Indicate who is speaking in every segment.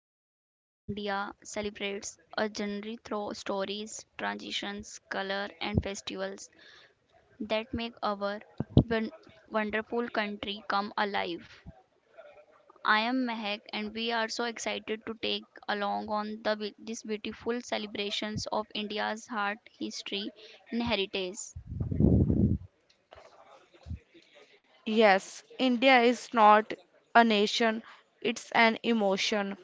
Speaker 1: welcome to the India celebrates a journey through stories, transitions, color and festivals that make our won- wonderful country come alive. I am Mehak and we are so excited to take along on the this beautiful celebrations of India's heart, history and heritage.
Speaker 2: Yes, India is not a nation, it's an emotion.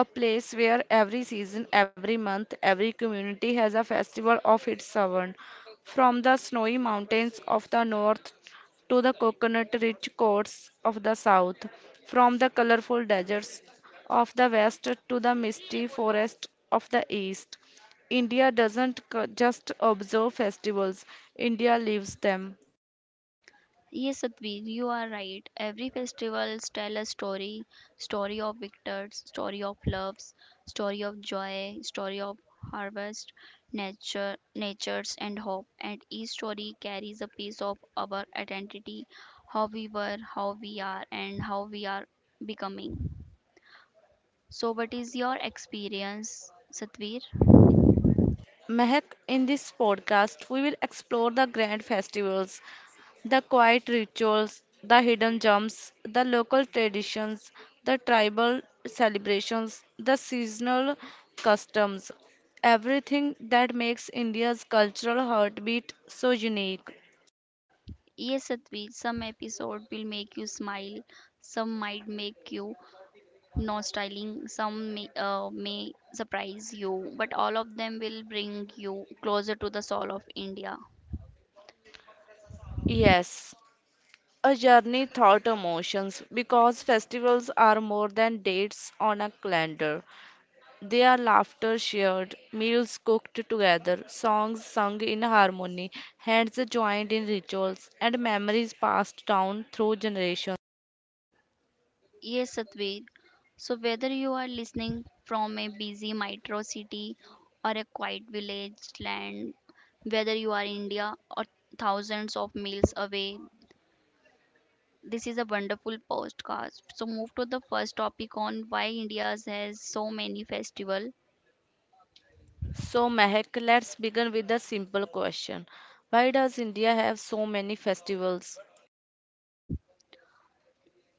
Speaker 2: A place where every season, every month, every community has a festival of its own. From the snowy mountains of the north to the coconut rich coasts of the south, from the colorful deserts of the west to the misty forests of the east. India doesn't just observe festivals, India lives them.
Speaker 1: Yes, Satvir, you are right. Every festivals tell a story, story of victors, story of loves, story of joy, story of harvest, nature, natures and hope. And each story carries a piece of our identity, how we were, how we are, and how we are becoming. So, what is your experience, Satvir?
Speaker 2: Mehak, in this podcast, we will explore the grand festivals, the quiet rituals, the hidden gems, the local traditions, the tribal celebrations, the seasonal customs, everything that makes India's cultural heartbeat so unique.
Speaker 1: Yes, Satvir, some episode will make you smile, some might make you no styling some may surprise you but all of them will bring you closer to the soul of India.
Speaker 2: Yes, a journey thought emotions because festivals are more than dates on a calendar. Their laughter shared, meals cooked together, songs sung in harmony, hands joined in rituals, and memories passed down through generations.
Speaker 1: Yes, Satvir, so whether you are listening from a busy metro city or a quiet village land, whether you are India or thousands of miles away, this is a wonderful podcast. So move to the first topic on why India has so many festival.
Speaker 2: So, Mehak, let's begin with a simple question. Why does India have so many festivals?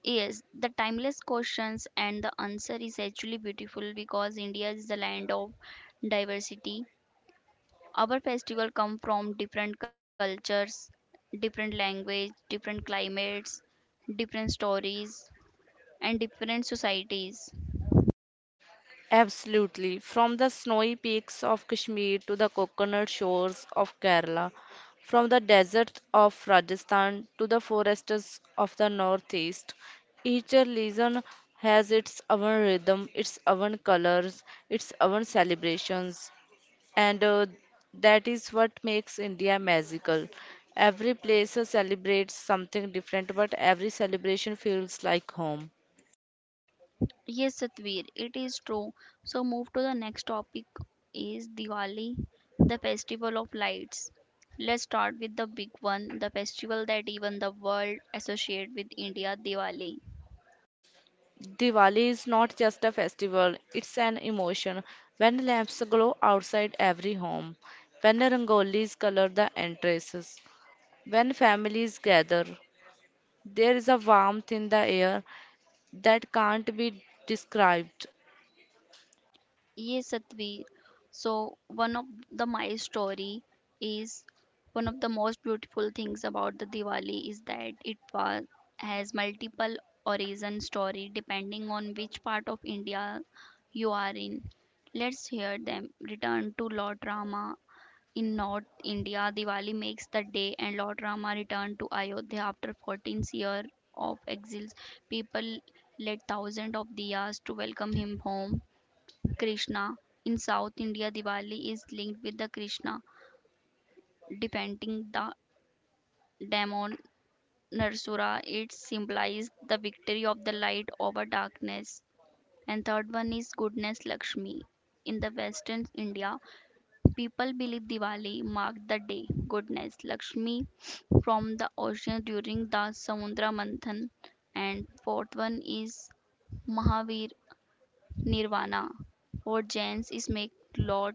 Speaker 1: Yes, the timeless questions and the answer is actually beautiful because India is the land of diversity. Our festival come from different cultures, different language, different climates, different stories and different societies.
Speaker 2: Absolutely. From the snowy peaks of Kashmir to the coconut shores of Kerala, from the deserts of Rajasthan to the forests of the Northeast, each region has its own rhythm, its own colors, its own celebrations, and that is what makes India magical. Every place celebrates something different, but every celebration feels like home.
Speaker 1: Yes, Satvir, it is true. So move to the next topic is Diwali, the festival of lights. Let's start with the big one, the festival that even the world associate with India, Diwali.
Speaker 2: Diwali is not just a festival, it's an emotion. When lamps glow outside every home, when rangolis color the entrances, when families gather, there is a warmth in the air that can't be described.
Speaker 1: Yes, Satvi. So one of the my story is one of the most beautiful things about the Diwali is that it was has multiple origin story depending on which part of India you are in. Let's hear them. Return to Lord Rama. In North India, Diwali makes the day and Lord Rama returned to Ayodhya after 14 years of exile. People lit thousands of diyas to welcome him home. Krishna. In South India, Diwali is linked with the Krishna, depicting the demon Narsura. It symbolizes the victory of the light over darkness. And third one is goodness Lakshmi. In the Western India, people believe Diwali marked the day goodness Lakshmi from the ocean during the Samudra Manthan. And fourth one is Mahavir Nirvana. For Jains is make Lord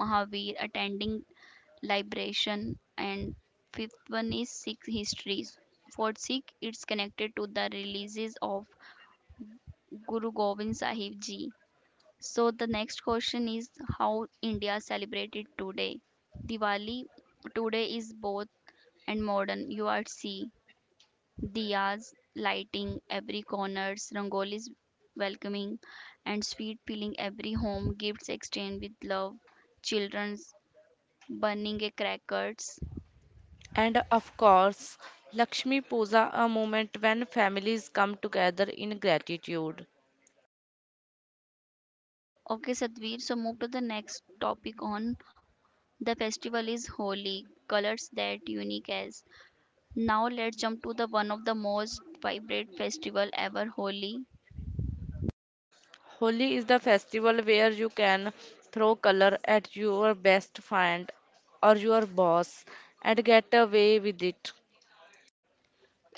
Speaker 1: Mahavir attending liberation and fifth one is Sikh histories. For Sikh it's connected to the releases of Guru Gobind Sahib Ji. So the next question is how India celebrated today. Diwali today is both and modern. You are see Diyas lighting every corners, rangolis welcoming and sweet filling every home, gifts exchanged with love, children's burning a crackers.
Speaker 2: And of course, Lakshmi Puja, a moment when families come together in gratitude.
Speaker 1: Okay, Sadhvir, so move to the next topic on the festival is Holi, colors that unique as. Now let's jump to the one of the most vibrant festival ever, Holi.
Speaker 2: Holi is the festival where you can throw color at your best friend or your boss and get away with it.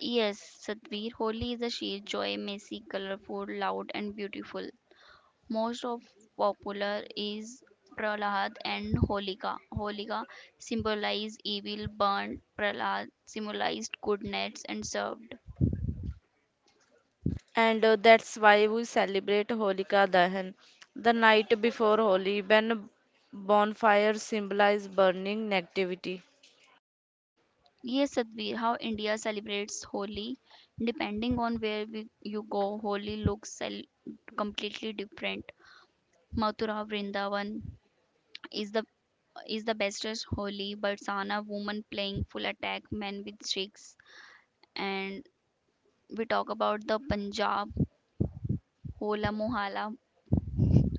Speaker 1: Yes, Sadhvir, Holi is a sheer joy, messy, colorful, loud and beautiful. Most of popular is Prahlad and Holika. Holika symbolized evil, burnt. Prahlad symbolized goodness and served.
Speaker 2: And That's why we celebrate Holika Dahan the night before Holi when bonfires symbolize burning negativity.
Speaker 1: Yes, Sadhvir, how India celebrates Holi. Depending on where we, you go, Holi looks completely different. Mathura Vrindavan is the is the bestest Holi, but Sana woman playing full attack men with sticks. And we talk about the Punjab Hola Mohala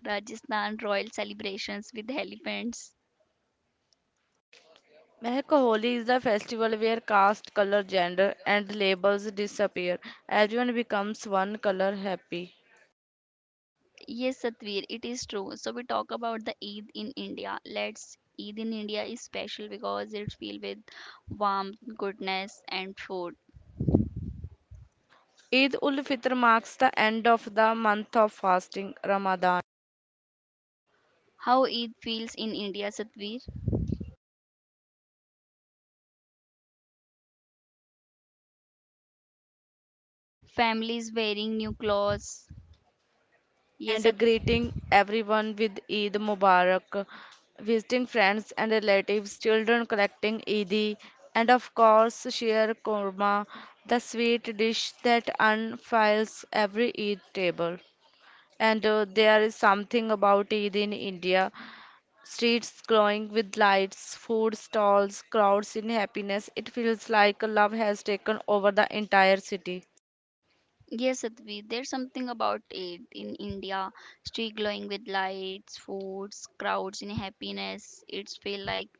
Speaker 1: Rajasthan royal celebrations with elephants.
Speaker 2: Mehak Holi is the festival where caste, color, gender, and labels disappear. Everyone becomes one color happy.
Speaker 1: Yes, Satvir, it is true. So we talk about the Eid in India. Let's Eid in India is special because it's filled with warmth, goodness, and food.
Speaker 2: Eid ul Fitr marks the end of the month of fasting, Ramadan.
Speaker 1: How Eid feels in India, Satvir? Families wearing new clothes. Yes, Sat-
Speaker 2: And greeting everyone with Eid Mubarak, visiting friends and relatives, children collecting Eid, and of course, sheer korma, the sweet dish that unfurls every Eid table. And There is something about Eid in India. Streets glowing with lights, food stalls, crowds in happiness. It feels like love has taken over the entire city.
Speaker 1: yes, Satvir. There's something about Eid in India. Street glowing with lights, foods, crowds in happiness. It's feel like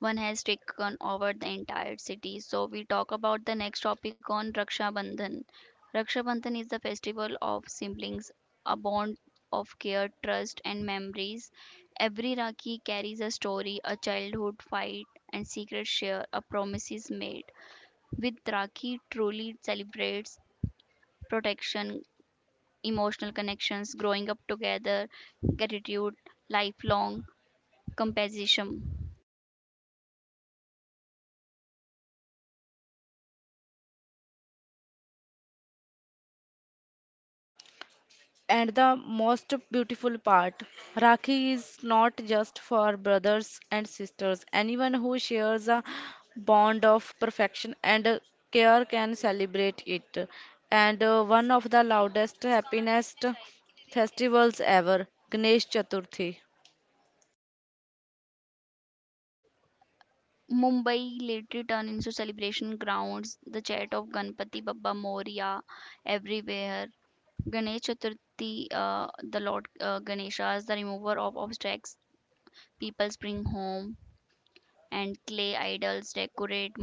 Speaker 1: One has taken over the entire city. So we talk about the next topic on Raksha Bandhan. Raksha Bandhan is the festival of siblings, a bond of care, trust, and memories. Every Rakhi carries a story, a childhood fight, and secret share, a promises made. With Rakhi truly celebrates protection, emotional connections, growing up together, gratitude, lifelong companionship.
Speaker 2: And the most beautiful part, Rakhi is not just for brothers and sisters. Anyone who shares a bond of perfection and care can celebrate it. And One of the loudest, happiest festivals ever, Ganesh Chaturthi.
Speaker 1: Mumbai later turned into celebration grounds, the chat of Ganpati Bappa Moria everywhere. Ganesh Chaturthi, the Lord Ganesha is the remover of obstacles. People bring home and clay idols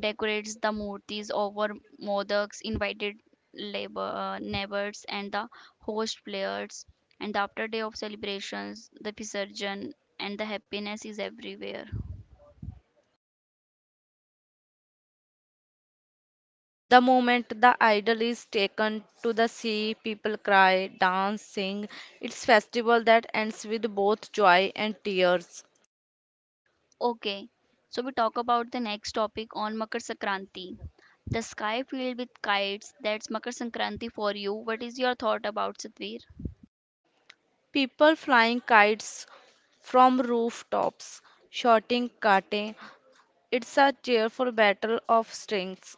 Speaker 1: decorates the murtis over modaks invited labor neighbors and the host players and after day of celebrations the visarjan and the happiness is everywhere.
Speaker 2: The moment the idol is taken to the sea, people cry, dance, sing. It's festival that ends with both joy and tears.
Speaker 1: Okay, so we talk about the next topic on Makar Sankranti. The sky filled with kites, that's Makar Sankranti for you. What is your thought about Satvir?
Speaker 2: People flying kites from rooftops, shouting kate. It's a cheerful battle of strings.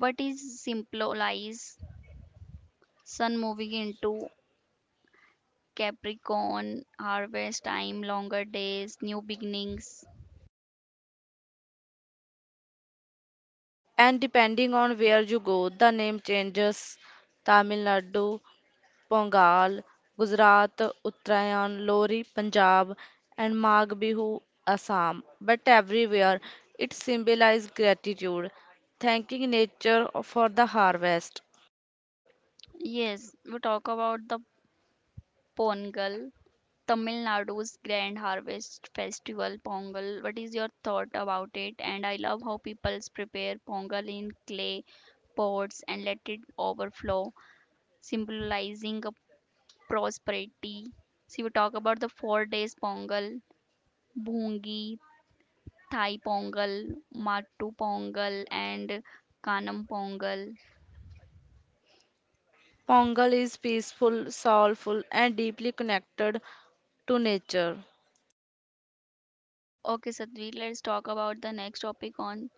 Speaker 1: What is symbolize sun moving into Capricorn, harvest time, longer days, new beginnings?
Speaker 2: And depending on where you go, the name changes. Tamil Nadu, Pongal, Gujarat, Uttarayan, Lori, Punjab, and Magh Bihu, Assam. But everywhere, it symbolizes gratitude, thanking nature for the harvest.
Speaker 1: Yes, we talk about the Pongal, Tamil Nadu's Grand Harvest Festival, Pongal. What is your thought about it? And I love how people prepare Pongal in clay pots and let it overflow, symbolizing a prosperity. So, we talk about the 4 days Pongal, Bhungi, Thai Pongal, Mattu Pongal, and Kanam Pongal.
Speaker 2: Pongal is peaceful, soulful, and deeply connected to nature.
Speaker 1: Okay, Sadhvi, let's talk about the next topic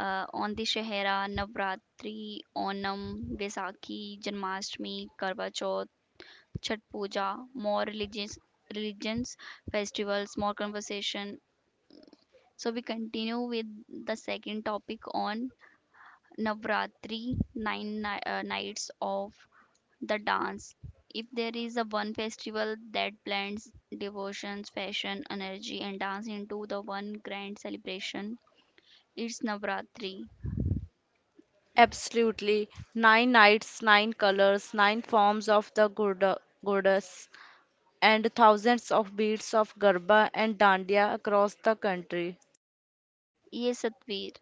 Speaker 1: on the Shahera, Navratri, Onam, Vaisakhi, Janmashtami, Karva Chauth, Chhat Puja, more religious religions, festivals, more conversation. So we continue with the second topic on Navratri, nine nights of the dance. If there is a one festival that blends devotions, fashion, energy, and dance into the one grand celebration, it's Navratri.
Speaker 2: Absolutely. Nine nights, nine colors, nine forms of the goddess, and thousands of beats of Garba and Dandiya across the country.
Speaker 1: Yes, Satvir.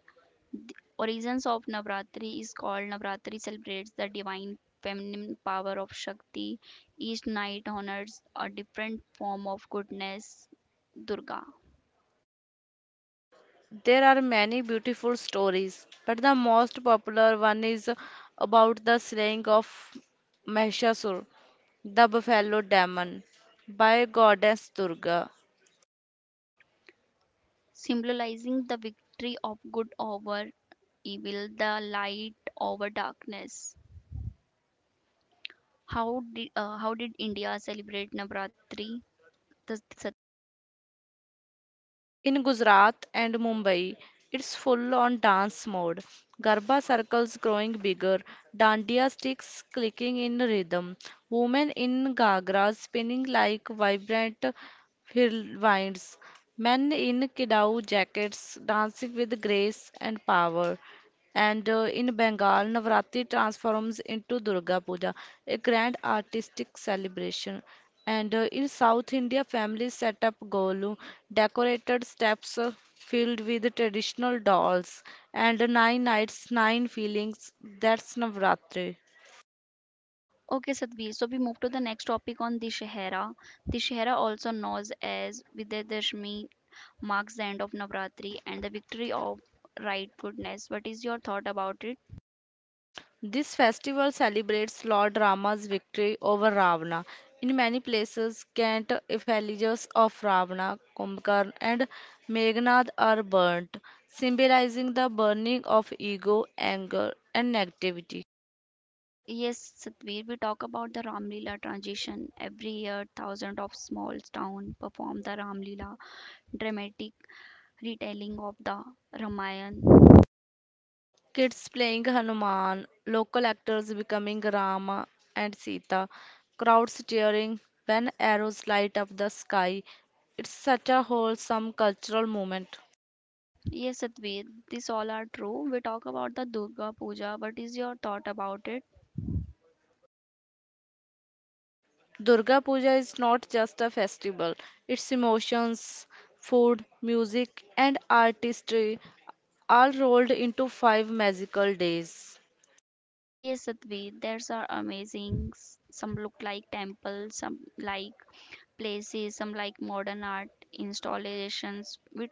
Speaker 1: Origins of Navratri is called Navratri celebrates the divine feminine power of Shakti. Each night honors a different form of goodness, Durga,
Speaker 2: There are many beautiful stories, but the most popular one is about the slaying of Mahishasur, the buffalo demon, by goddess Durga.
Speaker 1: symbolizing the victory of good over evil, the light over darkness. How did India celebrate Navratri? The- the-
Speaker 2: In Gujarat and Mumbai, it's full on dance mode. Garba circles growing bigger, dandiya sticks clicking in rhythm, women in ghagras spinning like vibrant whirlwinds, men in kidao jackets dancing with grace and power. And In Bengal, Navratri transforms into Durga Puja, a grand artistic celebration. And In South India, families set up golu, decorated steps filled with traditional dolls, and nine nights, nine feelings. That's Navratri.
Speaker 1: Okay, Sadhvi. So we move to the next topic on Dishahara. Dishahara, also known as Vijayadashmi marks the end of Navratri and the victory of right goodness. What is your thought about it?
Speaker 2: This festival celebrates Lord Rama's victory over Ravana. In many places, Kent effigies of Ravana, Kumbhakarna, and Meghnad are burnt, symbolizing the burning of ego, anger, and negativity.
Speaker 1: Yes, Satvir, we talk about the Ramlila transition. Every year, thousands of small towns perform the Ramlila, dramatic retelling of the Ramayana.
Speaker 2: Kids playing Hanuman, local actors becoming Rama and Sita, crowds cheering when arrows light up the sky. It's such a wholesome cultural moment.
Speaker 1: Yes, Satvir, this all are true. We talk about the Durga Puja. What is your thought about it?
Speaker 2: Durga Puja is not just a festival, its emotions, food, music, and artistry all rolled into five magical days.
Speaker 1: Yes, Satvir, there's are amazing. Some look like temples, some like placism like modern art installations. We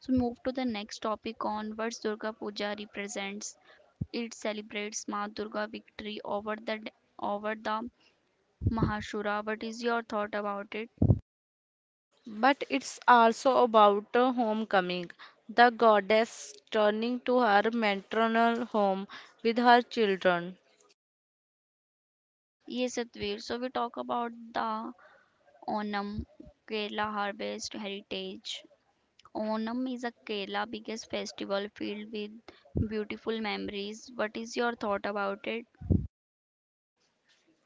Speaker 1: so move to the next topic on what Durga Puja represents. It celebrates Ma Durga victory over the Mahasura. What is your thought about it?
Speaker 2: But it's also about a homecoming, the goddess turning to her maternal home with her children.
Speaker 1: Yes, Satvir. So we talk about the Onam, Kerala harvest heritage. Onam is a Kerala biggest festival filled with beautiful memories. What is your thought about it?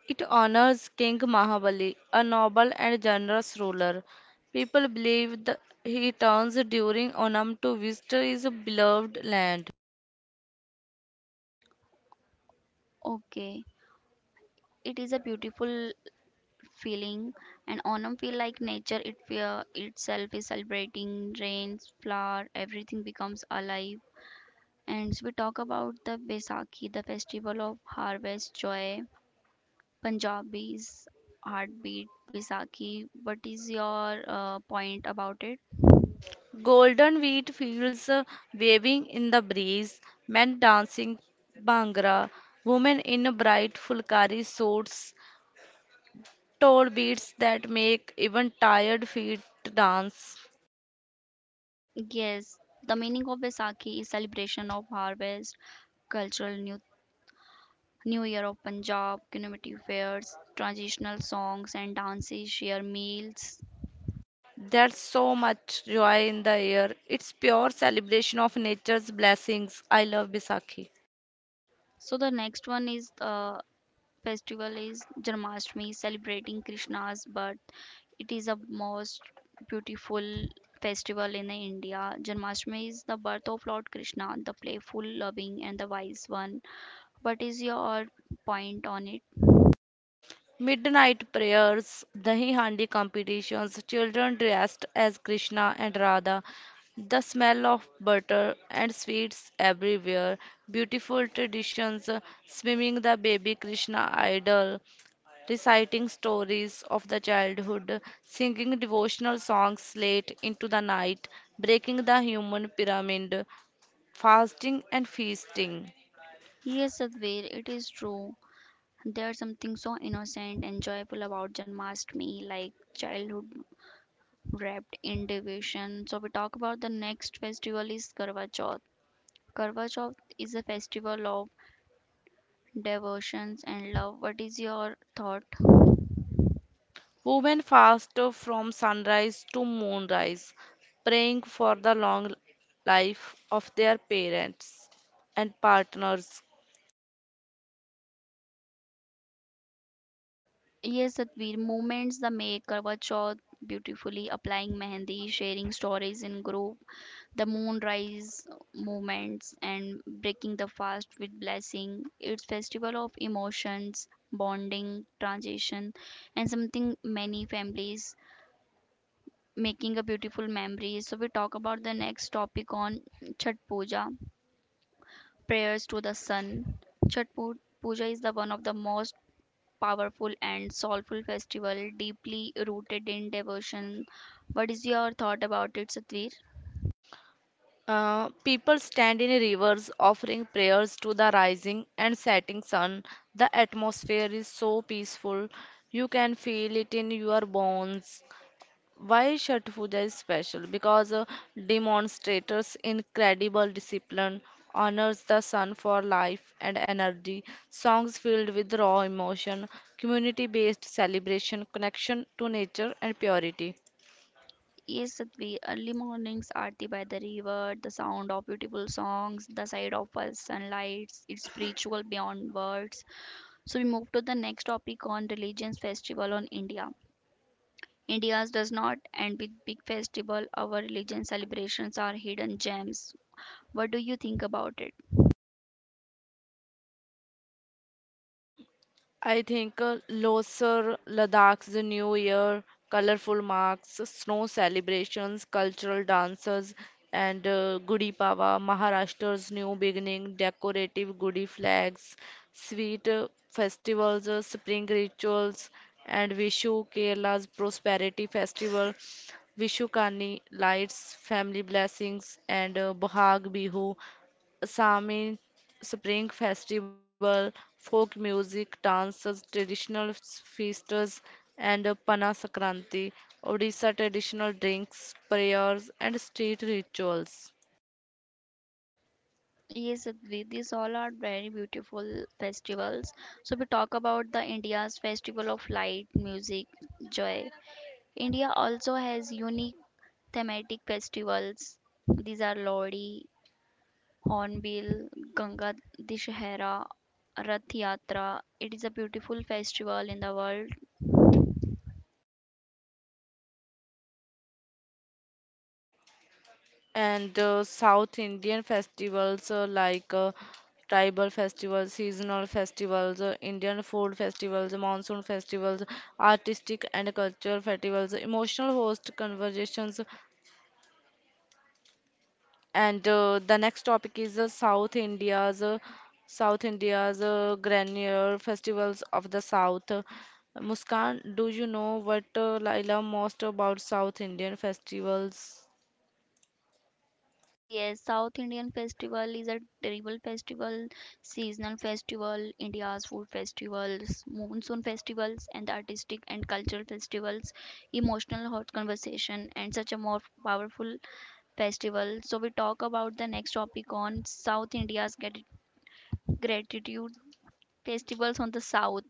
Speaker 2: It honors King Mahabali, a noble and generous ruler. People believe that he turns during Onam to visit his beloved land.
Speaker 1: Okay, it is a beautiful feeling and onam feel like nature it feel itself is celebrating rains flower everything becomes alive. And so we talk about the Baisakhi, the festival of harvest joy, Punjabi's heartbeat Baisakhi. What is your point about it?
Speaker 2: Golden wheat fields waving in the breeze, men dancing bhangra, women in bright fulkari suits, tall beats that make even tired feet dance.
Speaker 1: Yes, the meaning of Baisakhi is celebration of harvest, cultural New Year of Punjab, community fairs, traditional songs and dances, share meals.
Speaker 2: There's so much joy in the air. It's pure celebration of nature's blessings. I love Bisakhi.
Speaker 1: So the next one is the festival is Janmashtami, celebrating Krishna's birth. It is a most beautiful festival in India. Janmashtami is the birth of Lord Krishna, the playful, loving, and the wise one. What is your point on it?
Speaker 2: Midnight prayers, dahi handi competitions, children dressed as Krishna and Radha, the smell of butter and sweets everywhere, beautiful traditions, swimming the baby Krishna idol, reciting stories of the childhood, singing devotional songs late into the night, breaking the human pyramid, fasting and feasting.
Speaker 1: Yes, Sadhvir, it is true. There's something so innocent and joyful about Janmashtami, like childhood wrapped in devotion. So we talk about the next festival is Karva Chauth. Karva Chauth is a festival of devotions and love. What is your thought?
Speaker 2: Women fast from sunrise to moonrise, praying for the long life of their parents and partners.
Speaker 1: Yes, Satvir, moments the maker were shot beautifully applying mehendi, sharing stories in group, the moonrise moments and breaking the fast with blessing. It's festival of emotions bonding transition and something many families making a beautiful memory. So we talk about the next topic on chat puja, prayers to the sun. Chat puja is the one of the most powerful and soulful festival deeply rooted in devotion. What is your thought about it, Satvir?
Speaker 2: People stand in rivers offering prayers to the rising and setting sun. The atmosphere is so peaceful, you can feel it in your bones. Why Chhath Puja is special? Because demonstrators incredible discipline honors the sun for life and energy. Songs filled with raw emotion, community-based celebration, connection to nature and purity.
Speaker 1: Yes, Satvir, early mornings aarti by the river, the sound of beautiful songs, the sight of first sunlight, it's spiritual beyond words. So we move to the next topic on religions festival on India. India's does not end with big festival. Our religion celebrations are hidden gems. What do you think about it?
Speaker 2: I think Loser, Ladakh's New Year, colorful marks, snow celebrations, cultural dances, and Gudi Pawa, Maharashtra's new beginning, decorative Gudi flags, sweet festivals, spring rituals, and Vishu, Kerala's prosperity festival, Vishukani, lights, family blessings, and Bohag Bihu, Assamese spring festival, folk music, dances, traditional feasts, and Pana Sakranti. Odisha traditional drinks, prayers, and street rituals.
Speaker 1: Yes, Advi, these all are very beautiful festivals. So we talk about the India's festival of light, music, joy. India also has unique thematic festivals. These are Lodi, Hornbill, Ganga Dishahara, Rath Yatra. It is a beautiful festival in the world.
Speaker 2: And South Indian festivals like tribal festivals, seasonal festivals, Indian food festivals, monsoon festivals, artistic and cultural festivals, emotional host conversations, And the next topic is South India's grandeur festivals of the South. Muskan, do you know what I love most about South Indian festivals?
Speaker 1: Yes, South Indian festival is a terrible festival, seasonal festival, India's food festivals, monsoon festivals, and the artistic and cultural festivals, emotional hot conversation, and such a more powerful festival. So we talk about the next topic on South India's gratitude festivals on the South.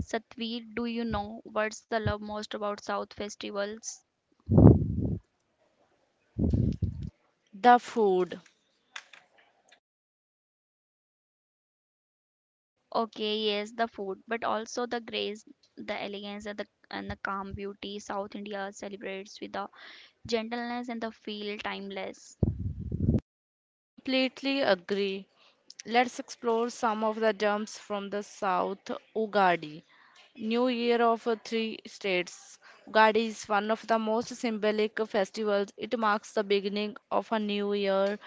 Speaker 1: Satvir, do you know what's the love most about South festivals?
Speaker 2: The food.
Speaker 1: Okay, yes, the food, but also the grace, the elegance, and the calm beauty. South India celebrates with the gentleness and the feel timeless.
Speaker 2: Completely agree. Let's explore some of the jumps from the South. Ugadi. New Year of three states. Ugadi is one of the most symbolic festivals. It marks the beginning of a new year,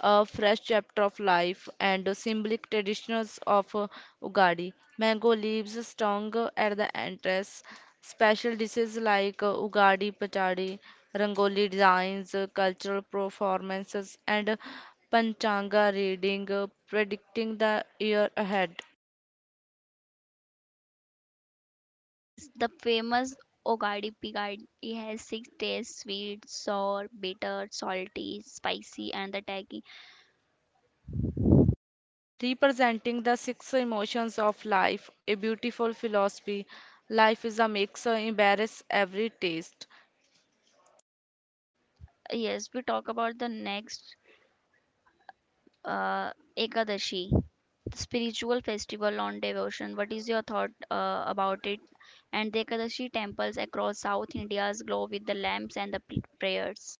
Speaker 2: a fresh chapter of life, and the symbolic traditions of Ugadi. Mango leaves strong at the entrance. Special dishes like Ugadi patadi, Rangoli designs, cultural performances, and Panchanga reading, predicting the year ahead.
Speaker 1: Yes, the famous Ogadi Pigadi has six tastes: sweet, sour, bitter, salty, spicy, and the tangy.
Speaker 2: Representing the six emotions of life, a beautiful philosophy. Life is a mixer, embrace every taste.
Speaker 1: Yes, we talk about the next uh, Ekadashi, spiritual festival on devotion. What is your thought about it? And the Ekadashi temples across South India's glow with the lamps and the prayers.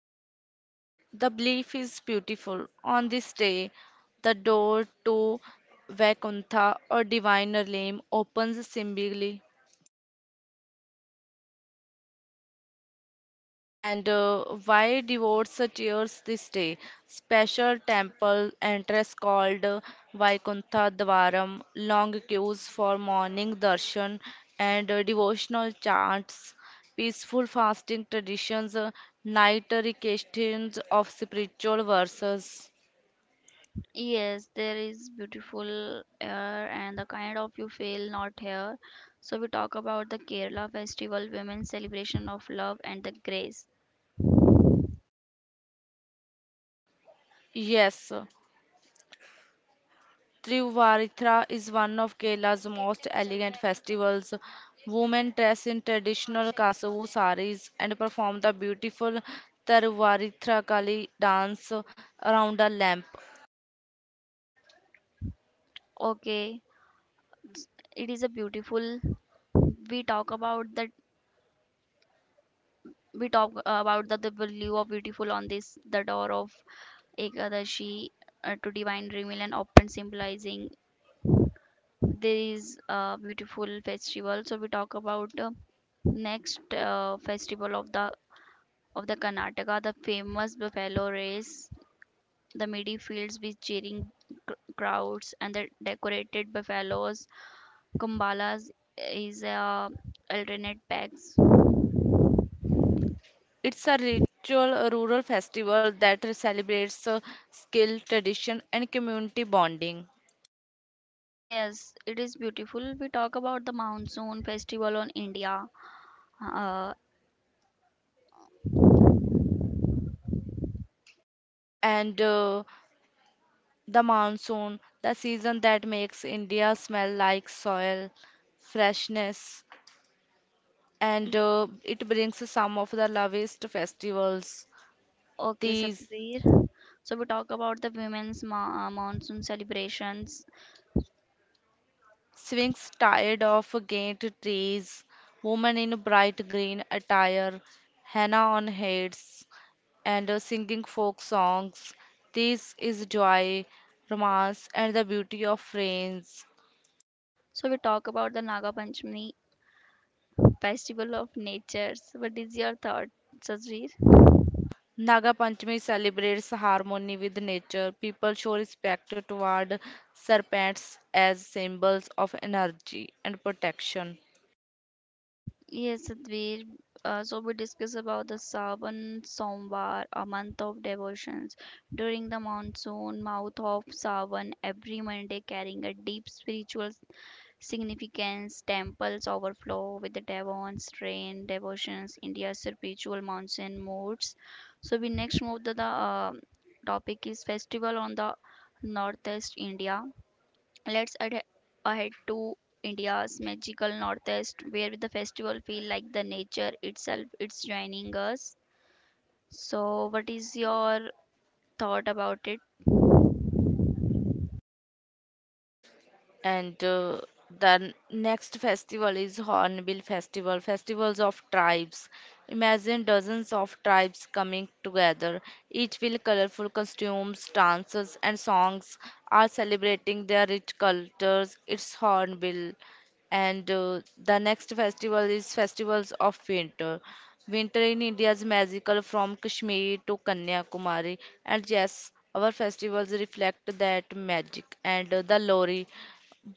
Speaker 2: The belief is beautiful. On this day, the door to Vaikuntha or diviner realm opens symbolically. And Why devotes tears this day? Special temple entrance called Vaikuntha Dwaram, long queues for morning darshan and devotional chants, peaceful fasting traditions, night recitations of spiritual verses.
Speaker 1: Yes, there is beautiful air and the kind of you feel not here. So we talk about the Kerala festival, women's celebration of love and the grace.
Speaker 2: Yes, Trivarithra is one of Kerala's most elegant festivals. Women dress in traditional Kasavu saris and perform the beautiful Tiruvarithra Kali dance around a lamp.
Speaker 1: Okay, it is a beautiful. We talk about the we talk about the value of beautiful on this the door of ekadashi, to divine reveal and often symbolizing this beautiful festival. So we talk about next festival of the Karnataka, the famous buffalo race, the midi fields with cheering crowds and the decorated buffaloes. Kumbalas is alternate packs.
Speaker 2: It's a ritual rural festival that celebrates skill, tradition, and community bonding.
Speaker 1: Yes, it is beautiful. We talk about the monsoon festival on India. Uh,
Speaker 2: And The monsoon, the season that makes India smell like soil, freshness, and
Speaker 1: e-
Speaker 2: it brings some of the loveliest festivals.
Speaker 1: okay,
Speaker 2: These
Speaker 1: Sapir. So we talk about the women's monsoon celebrations.
Speaker 2: swings tired of gaunt trees, women in bright green attire, henna on heads, and singing folk songs. This is joy, romance, and the beauty of friends.
Speaker 1: So we talk about the Naga Panchami festival of natures. What is your thought, Sajir?
Speaker 2: Naga Panchami celebrates harmony with nature. People show respect toward serpents as symbols of energy and protection.
Speaker 1: Yes, Sadhvir. So we discuss about the Sawan Somvar, a month of devotions. During the monsoon, mouth of Sawan every Monday carrying a deep spiritual significance, temples overflow with the Devon's rain, devotions, India's spiritual monsoon moods. So we next move to the topic is festival on the northeast India. Let's ahead to India's magical northeast, where the festival feel like the nature itself. It's joining us. So what is your thought about it?
Speaker 2: And The next festival is Hornbill Festival, festivals of tribes. Imagine dozens of tribes coming together, each with colorful costumes, dances, and songs, are celebrating their rich cultures. It's Hornbill. And The next festival is Festivals of Winter. Winter in India is magical from Kashmir to Kanyakumari. And yes, our festivals reflect that magic. And The Lori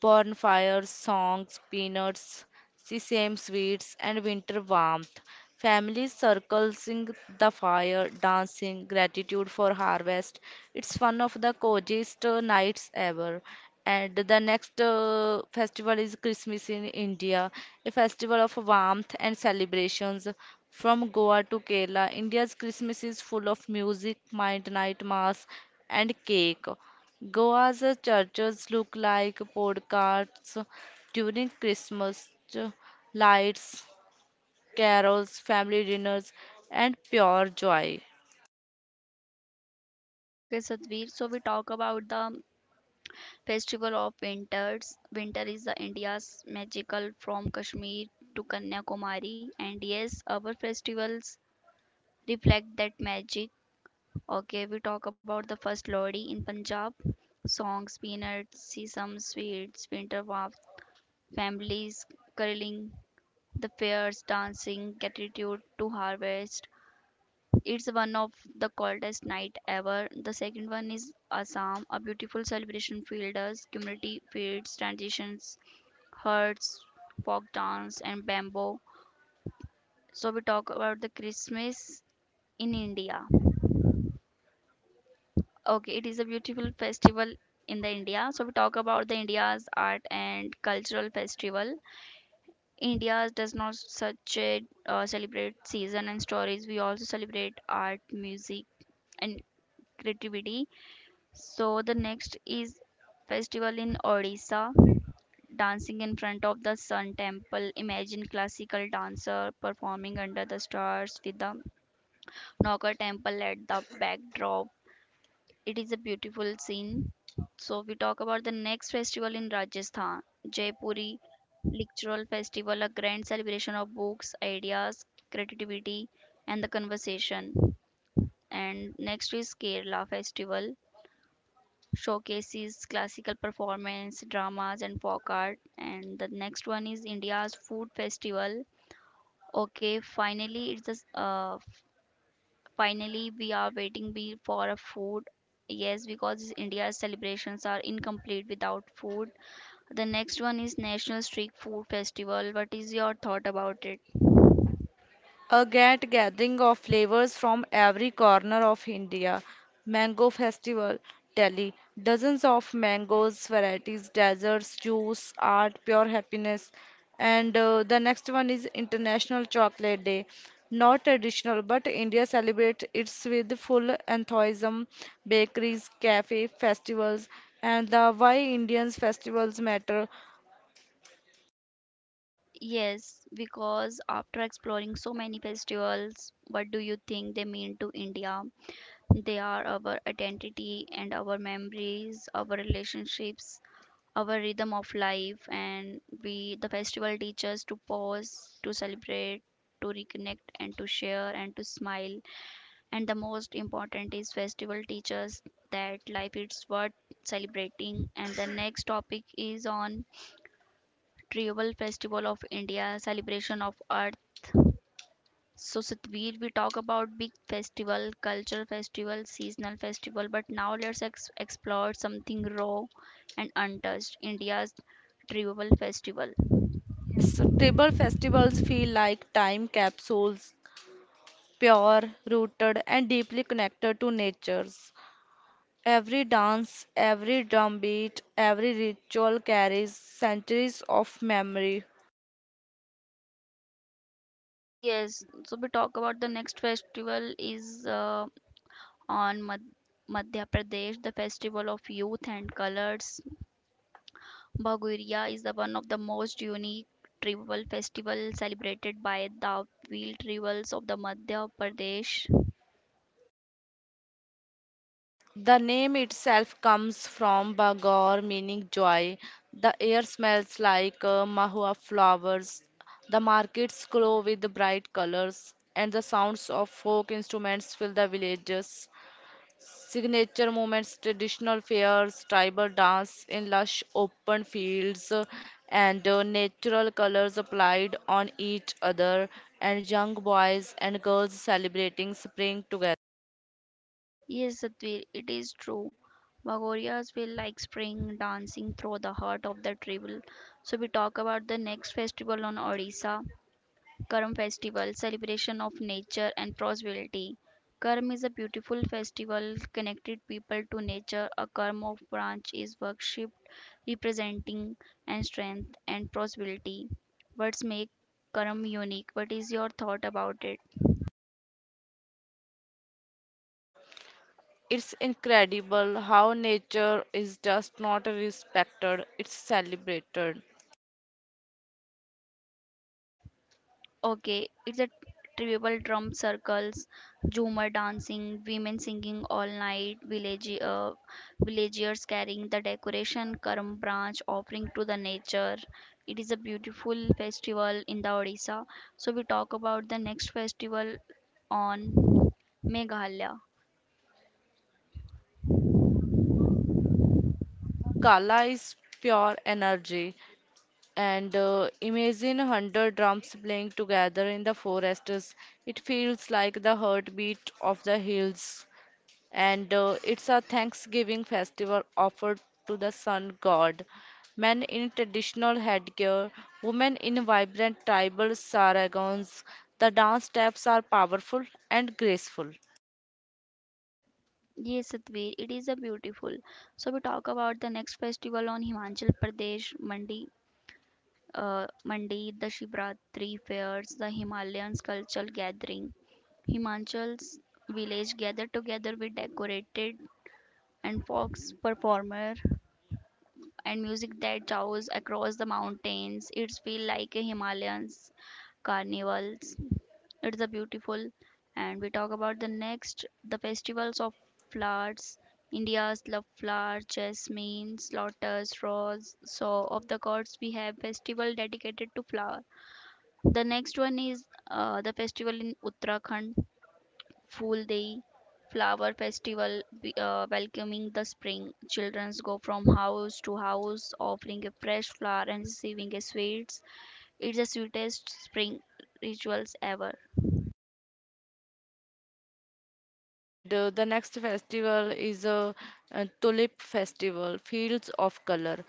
Speaker 2: bonfires, songs, peanuts, sesame sweets, and winter warmth. Families circling the fire, dancing, gratitude for harvest. It's one of the coziest nights ever. And the next festival is Christmas in India, a festival of warmth and celebrations. From Goa to Kerala, India's Christmas is full of music, mind night mass, and cake. Goa's churches look like postcards during Christmas lights, carols, family dinners, and pure joy.
Speaker 1: Okay, Sadhvir. So we talk about the Festival of Winters. Winter is the India's magical from Kashmir to Kanyakumari. And yes, our festivals reflect that magic. Okay, we talk about the first Lodi in Punjab. Songs, peanuts, sesame sweets, winter warmth, families curling, the fairs, dancing, gratitude to harvest. It's one of the coldest night ever. The second one is Assam, a beautiful celebration field us, community feeds, transitions, herds, folk dance, and bamboo. So we talk about the Christmas in India. Okay, it is a beautiful festival in the India. So we talk about the India's art and cultural festival. India does not such a celebrate season and stories. We also celebrate art, music, and creativity. So the next is festival in Odisha. Dancing in front of the sun temple, imagine classical dancer performing under the stars with the naga temple at the backdrop. It is a beautiful scene. So we talk about the next festival in Rajasthan, Jaipuri literal festival, a grand celebration of books, ideas, creativity, and the conversation. And next is Kerala festival, showcases classical performance, dramas, and folk art. And the next one is India's food festival. Okay, finally it's just finally we are waiting be for a food. Yes, because India's celebrations are incomplete without food. The next one is National Street Food Festival. What is your thought about it?
Speaker 2: A great gathering of flavors from every corner of India. Mango Festival, Delhi. Dozens of mangoes, varieties, desserts, juice, art, pure happiness. And The next one is International Chocolate Day. Not traditional, but India celebrates its with full enthusiasm. Bakeries, cafe, festivals, and the Why Indians Festivals Matter.
Speaker 1: Yes, because after exploring so many festivals, what do you think they mean to India? They are our identity and our memories, our relationships, our rhythm of life, and we the festival teaches to pause, to celebrate, to reconnect, and to share and to smile. And the most important is festival teaches that life is worth celebrating. And the next topic is on tribal festival of India, celebration of Earth. So, Satvir, we talk about big festival, cultural festival, seasonal festival, but now let's explore something raw and untouched, India's tribal festival.
Speaker 2: Yes, tribal festivals feel like time capsules. Pure, rooted, and deeply connected to nature's. Every dance, every drumbeat, every ritual carries centuries of memory.
Speaker 1: Yes, so we talk about the next festival is on Madhya Pradesh, the festival of youth and colors. Bhaguria is the one of the most unique tribal festival celebrated by the Wheel tribals of the Madhya Pradesh.
Speaker 2: The name itself comes from Bagor, meaning joy. The air smells like mahua flowers. The markets glow with bright colors, and the sounds of folk instruments fill the villages. Signature moments, traditional fairs, tribal dance in lush open fields, and natural colors applied on each other, and young boys and girls celebrating spring together.
Speaker 1: Yes, Satvir, it is true. Magorias will like spring dancing through the heart of the tribal. So we talk about the next festival on Odisha, Karm festival, celebration of nature and prosperity. Karm is a beautiful festival connected people to nature. A karm of branch is worshipped, representing and strength and prosperity. What's make Karm unique? What is your thought about it?
Speaker 2: It's incredible how nature is just not respected, it's celebrated.
Speaker 1: Okay, it's a tribal drum circles, Jhumar dancing, women singing all night, villagers carrying the decoration, Karm branch offering to the nature. It is a beautiful festival in the Odisha. So we talk about the next festival on Meghalaya.
Speaker 2: Bangala is pure energy, and imagine 100 drums playing together in the forests. It feels like the heartbeat of the hills. And It's a Thanksgiving festival offered to the sun god. Men in traditional headgear, women in vibrant tribal sarongs. The dance steps are powerful and graceful.
Speaker 1: Yes, Satvir, it is a beautiful. So we talk about the next festival on Himachal Pradesh, Mandi. Mandi, the Shivratri fairs, the Himalayan cultural gathering. Himachal's village gather together with decorated and folks performer and music that travels across the mountains. It's feel like a Himalayan's carnivals. It's a beautiful. And we talk about the next, the festivals of flowers. India's love flower, jasmine, lotus, rose. So of the gods, we have festival dedicated to flower. The next one is the festival in Uttarakhand, Phul Dei flower festival welcoming the spring. Children go from house to house offering a fresh flower and receiving a sweets. It's the sweetest spring rituals ever.
Speaker 2: And The next festival is a tulip festival, fields of color.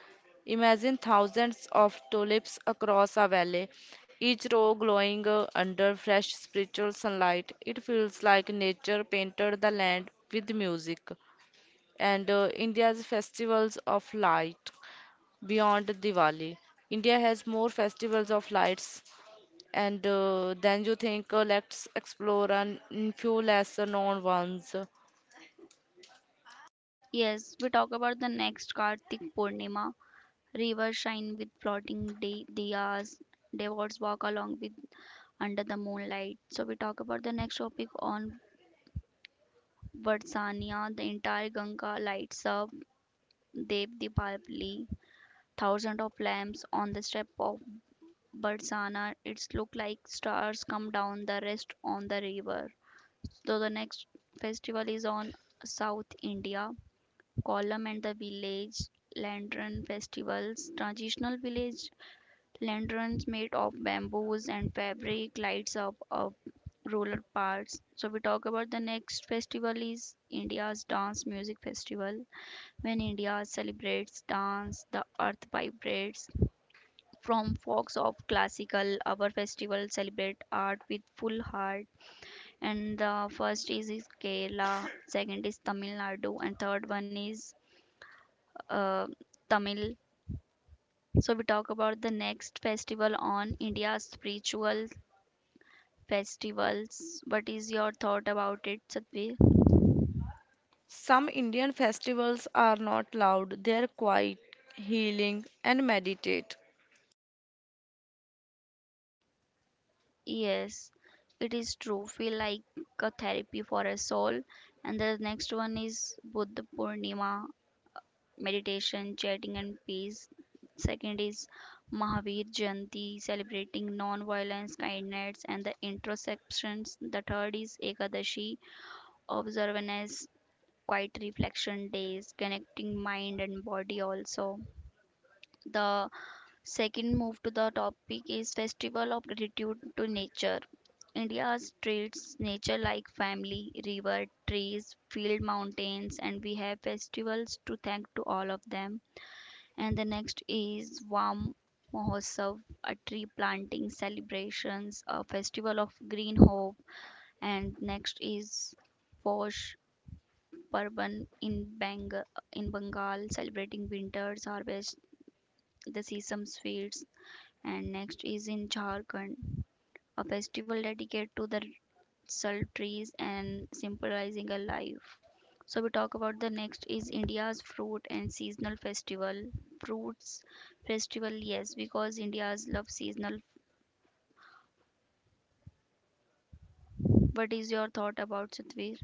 Speaker 2: Imagine thousands of tulips across a valley, each row glowing under fresh spiritual sunlight. It feels like nature painted the land with music. And India's festivals of light beyond Diwali. India has more festivals of lights and than you think. Let's explore and few lesser known ones.
Speaker 1: Yes, we talk about the next Kartik Purnima. Rivers shine with floating diyas. Devotees walk along with under the moonlight. So we talk about the next topic on Varsanya. The entire Ganga lights up Dev Deepavali, thousands of lamps on the step of Barsana. It's look like stars come down the rest on the river. So the next festival is on South India. Kollam and the village lantern festivals. Traditional village lanterns made of bamboos and fabric lights up of rural parts. So we talk about the next festival is India's dance music festival. When India celebrates dance, the earth vibrates. From folks of classical, our festival celebrate art with full heart. And the first is Kerala, second is Tamil Nadu, and third one is uh, Tamil. So we talk about the next festival on India's spiritual festivals. What is your thought about it, Satvi?
Speaker 2: Some Indian festivals are not loud, they're quiet, healing, and meditate.
Speaker 1: Yes, it is true. Feel like a therapy for a soul. And the next one is Buddha Purnima, meditation, chatting, and peace. Second is Mahavir Jayanti, celebrating non-violence, kindness, and the introspections. The third is Ekadashi, observance, quiet reflection days, connecting mind and body also. The Second move to the topic is Festival of Gratitude to Nature. India treats nature like family, river, trees, field, mountains, and we have festivals to thank to all of them. And the next is Vam Mahotsav, a tree planting celebrations, a festival of green hope. And next is Posh Parban in Bengal, celebrating winters, harvest, the season's fields, and next is in Jharkhand, a festival dedicated to the salt trees and symbolizing a life. So we talk about the next is India's fruit and seasonal festival. Fruits festival, yes, because India's love seasonal. What is your thought about Satvir?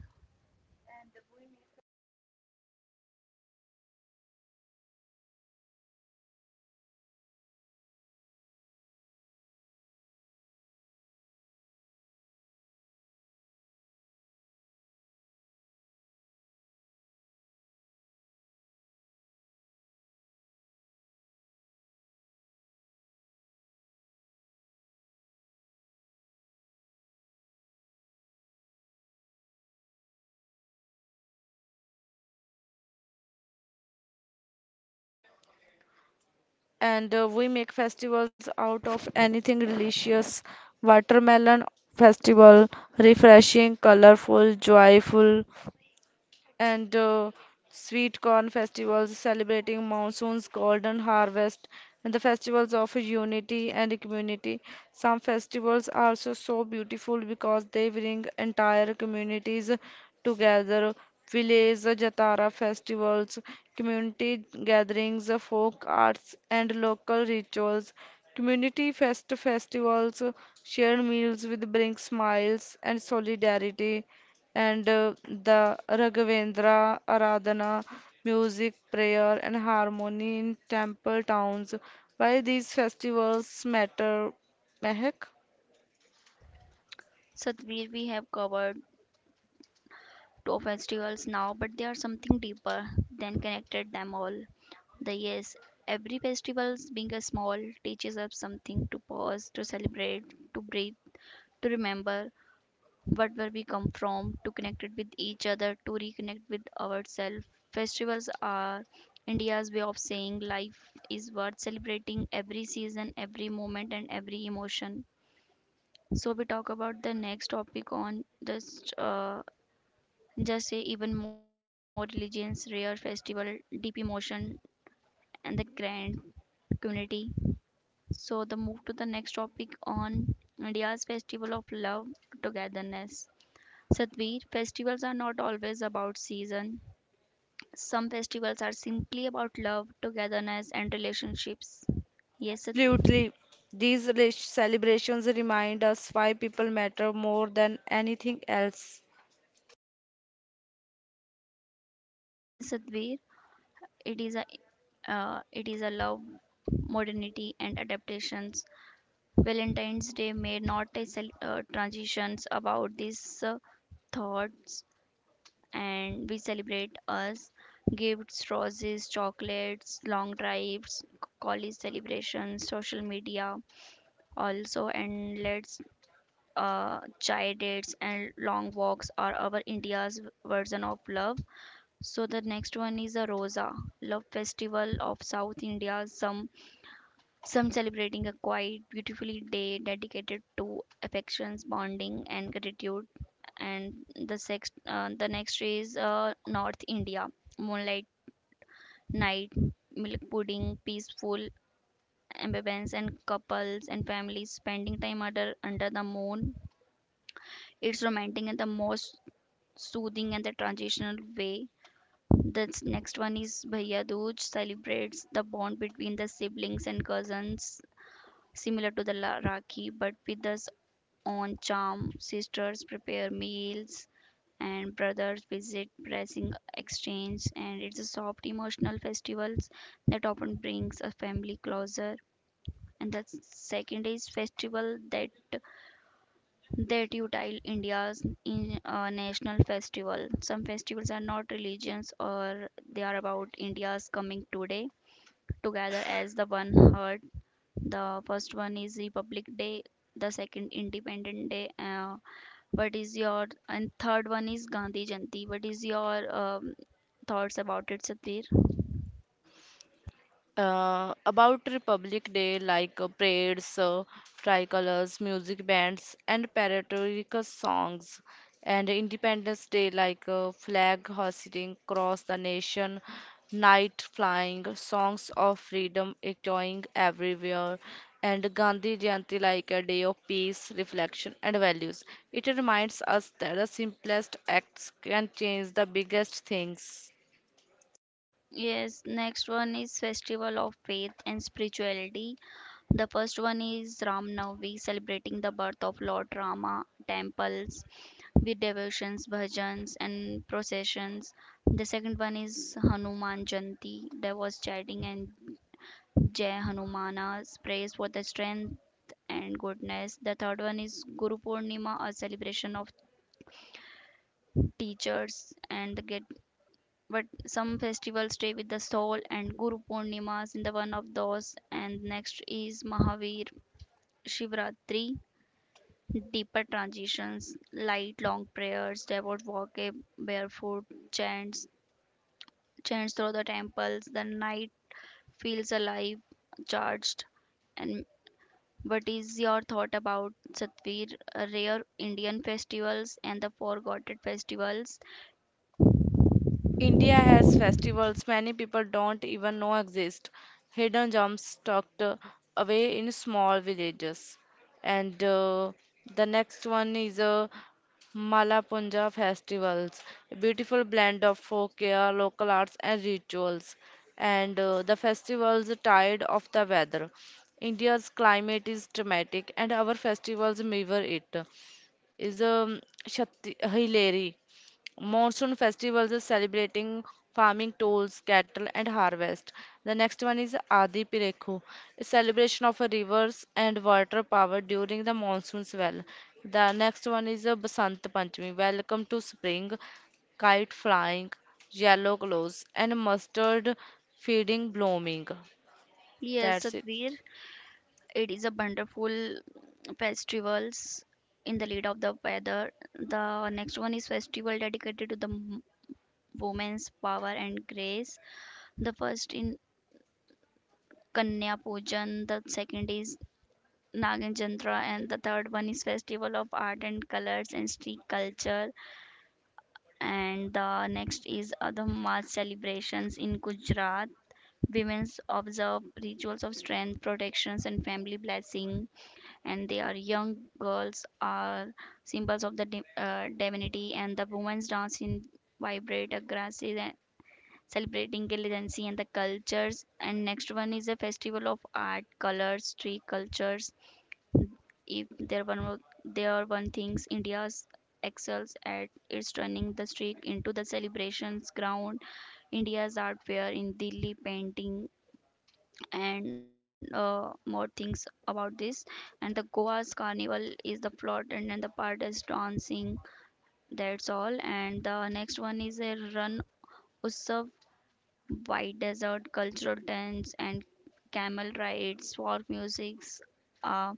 Speaker 2: And We make festivals out of anything delicious. Watermelon festival, refreshing, colorful, joyful. And Sweet corn festivals celebrating monsoon's golden harvest and the festivals of unity and community. Some festivals are also so beautiful because they bring entire communities together. Village Jatara festivals, community gatherings, folk arts, and local rituals. Community festivals, shared meals with bring smiles and solidarity and the Raghavendra Aradhana, music, prayer, and harmony in temple towns. Why these festivals matter, Mehak?
Speaker 1: Satvir, we have covered two festivals now, but they are something deeper than connected them all. The yes, every festival being a small teaches us something to pause, to celebrate, to breathe, to remember what where we come from, to connect it with each other, to reconnect with ourselves. Festivals are India's way of saying life is worth celebrating every season, every moment, and every emotion. So we talk about the next topic on just say even more religions, rare festival, deep emotion, and the grand community. So the move to the next topic on India's festival of love togetherness. Sadhvir, festivals are not always about season. Some festivals are simply about love, togetherness, and relationships. Yes, Sad-
Speaker 2: Absolutely. These celebrations remind us why people matter more than anything else.
Speaker 1: yes, Sadhvir, it is a it is a love, modernity, and adaptations. Valentine's Day may not a transitions about these thoughts, and we celebrate us gifts, roses, chocolates, long drives, college celebrations, social media also, and let's chai dates and long walks are our India's version of love. So the next one is a Rosa, love festival of South India. Some celebrating a quiet, beautifully day dedicated to affections, bonding, and gratitude. And the the next is North India, moonlight night, milk pudding, peaceful ambience, and couples and families spending time under the moon. It's romantic and the most soothing and the transitional way. The next one is Bhaiya Dooj celebrates the bond between the siblings and cousins, similar to the Rakhi, but with its own charm. Sisters prepare meals, and brothers visit, pressing exchange, and it's a soft emotional festivals that often brings a family closer. And the second is festival that utile India's in, national festival. Some festivals are not religions or they are about India's coming today together as the one heart. The first one is Republic Day, the second Independent Day. What is your and third one is Gandhi Jayanti. What is your thoughts about it, Satir?
Speaker 2: About Republic Day, like parades, tricolors, music bands, and patriotic songs, and Independence Day, like flag hoisting across the nation, night flying, songs of freedom echoing everywhere, and Gandhi Jayanti, like a day of peace, reflection, and values. It reminds us that the simplest acts can change the biggest things.
Speaker 1: Yes, next one is Festival of Faith and Spirituality. The first one is Ram Navami, celebrating the birth of Lord Rama, temples with devotions, bhajans, and processions. The second one is Hanuman Jayanti. There was chanting and Jai Hanumana's praise for the strength and goodness. The third one is Guru Purnima, a celebration of teachers and the get. But some festivals stay with the soul, and Guru Purnima is in the one of those. And next is Mahavir Shivratri, deeper transitions, light long prayers, devout walk a barefoot, chants, chants through the temples, the night feels alive, charged. And what is your thought about Satvir, rare Indian festivals and the forgotten festivals?
Speaker 2: India has festivals many people don't even know exist, hidden gems tucked away in small villages. And The next one is Malapunja festivals, a beautiful blend of folklore, local arts, and rituals. And The festivals are tied of the weather. India's climate is dramatic, and our festivals mirror it. Is Hilary Monsoon festivals is celebrating farming tools, cattle, and harvest. The next one is Adi Pirekhu, a celebration of rivers and water power during the monsoon's well. The next one is Basant Panchami, welcome to spring, kite flying, yellow glows, and mustard feeding blooming.
Speaker 1: Yes,
Speaker 2: That's it.
Speaker 1: Satvir, it is a wonderful festivals in the lead of the weather. The next one is festival dedicated to the women's power and grace. The first in Kanya Pujan, the second is Nagin Jantra, and the third one is Festival of Art and Colors and Street Culture. And the next is other mass celebrations in Gujarat. Women observe rituals of strength, protections, and family blessing, and they are young girls are symbols of the divinity, and the women's dance in vibrate aggressive celebrating intelligence and the cultures. And next one is a festival of art, colors, tree cultures. If there one wo- There are one things India's excels at is turning the streak into the celebrations ground. India's art fair in Delhi painting and more things about this. And the Goa's carnival is the plot and then the part is dancing. That's all. And the next one is a run Utsav, white desert, cultural tents, and camel rides, folk musics, uh,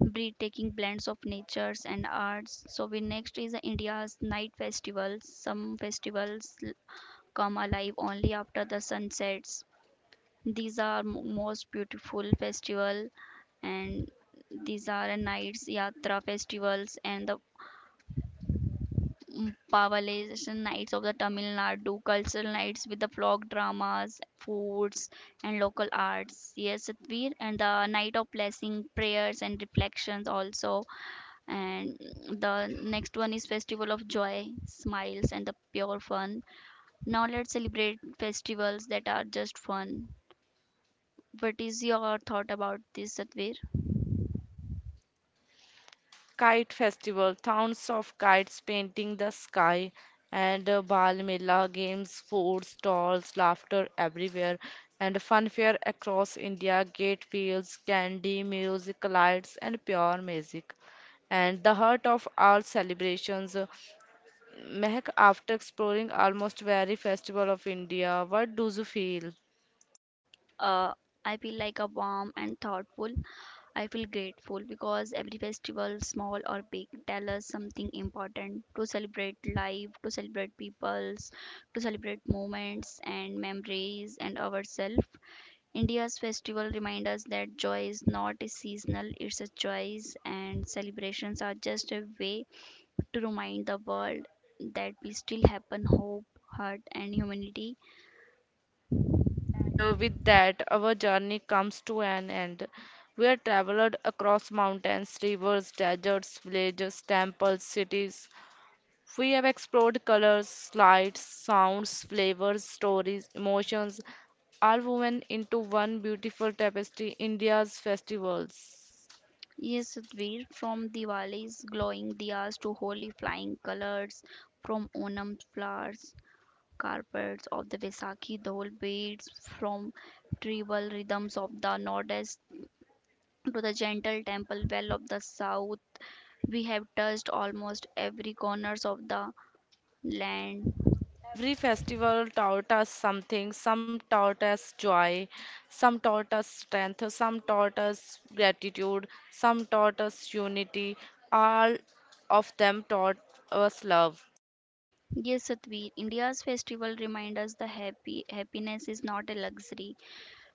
Speaker 1: breathtaking blends of natures and arts. So we next is India's night festivals. Come alive only after the sun sets. These are most beautiful festival and these are nights yatra festivals and the Pavalation Nights of the Tamil Nadu, cultural nights with the folk dramas, foods, and local arts. Yes, Satvir, and the night of blessing, prayers, and reflections also. And the next one is Festival of Joy, smiles, and the pure fun. Now let's celebrate festivals that are just fun. What is your thought about this, Satvir?
Speaker 2: Kite Festival, towns of kites painting the sky, and Bal Mela games, food stalls, laughter everywhere, and fun fair across India, gate fields, candy, music, lights, and pure music. And the heart of all celebrations, Mehak, after exploring almost every festival of India, what do you feel?
Speaker 1: Uh, I feel like a warm and thoughtful I feel grateful because every festival, small or big, tell us something important to celebrate life, to celebrate peoples, to celebrate moments and memories and ourselves. India's festival remind us that joy is not a seasonal, it's a choice and celebrations are just a way to remind the world that we still have hope, heart and humanity.
Speaker 2: And With that, our journey comes to an end. We have traveled across mountains, rivers, deserts, villages, temples, cities. We have explored colors, lights, sounds, flavors, stories, emotions, all woven into one beautiful tapestry India's festivals.
Speaker 1: Yes, Sadhvir, from Diwali's glowing diyas to holy flying colors, from Onam flowers, carpets of the Vaisakhi Dol beads, from tribal rhythms of the Northeast to the gentle temple well of the South, we have touched almost every corners of the land.
Speaker 2: Every festival taught us something. Some taught us joy, some taught us strength, some taught us gratitude, some taught us unity. All of them taught us love.
Speaker 1: Yes, Satvi, India's festival remind us the happy happiness is not a luxury.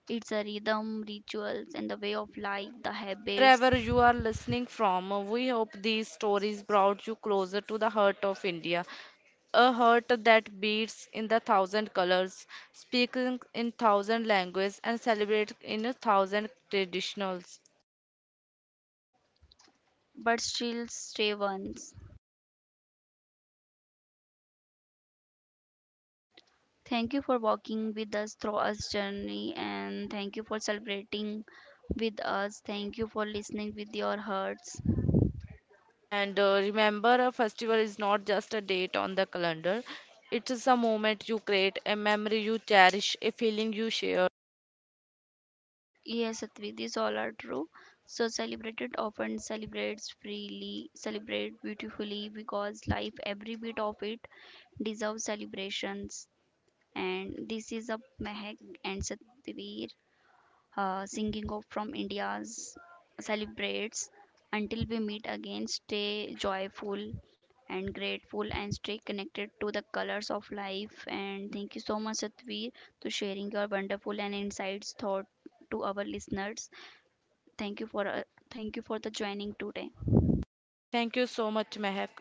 Speaker 1: It's a rhythm, rituals, and the way of life, the habits
Speaker 2: Wherever you are listening from, we hope these stories brought you closer to the heart of India, a heart that beats in the thousand colors, speaking in thousand languages, and celebrates in a thousand traditions.
Speaker 1: but still stay ones. Thank you for walking with us through our journey and thank you for celebrating with us. Thank you for listening with your hearts.
Speaker 2: And Remember, a festival is not just a date on the calendar, it is a moment you create, a memory you cherish, a feeling you share.
Speaker 1: Yes, Satvi, these all are true. So celebrate it often, celebrates freely, celebrate beautifully because life, every bit of it, deserves celebrations. And this is a Mehak and Satvi singing of from India's celebrates. Until we meet again, stay joyful and grateful and stay connected to the colors of life. And thank you so much, Satveer, to sharing your wonderful and insights thought to our listeners. Thank you for uh, Thank you for the joining today.
Speaker 2: Thank you so much, Mehak.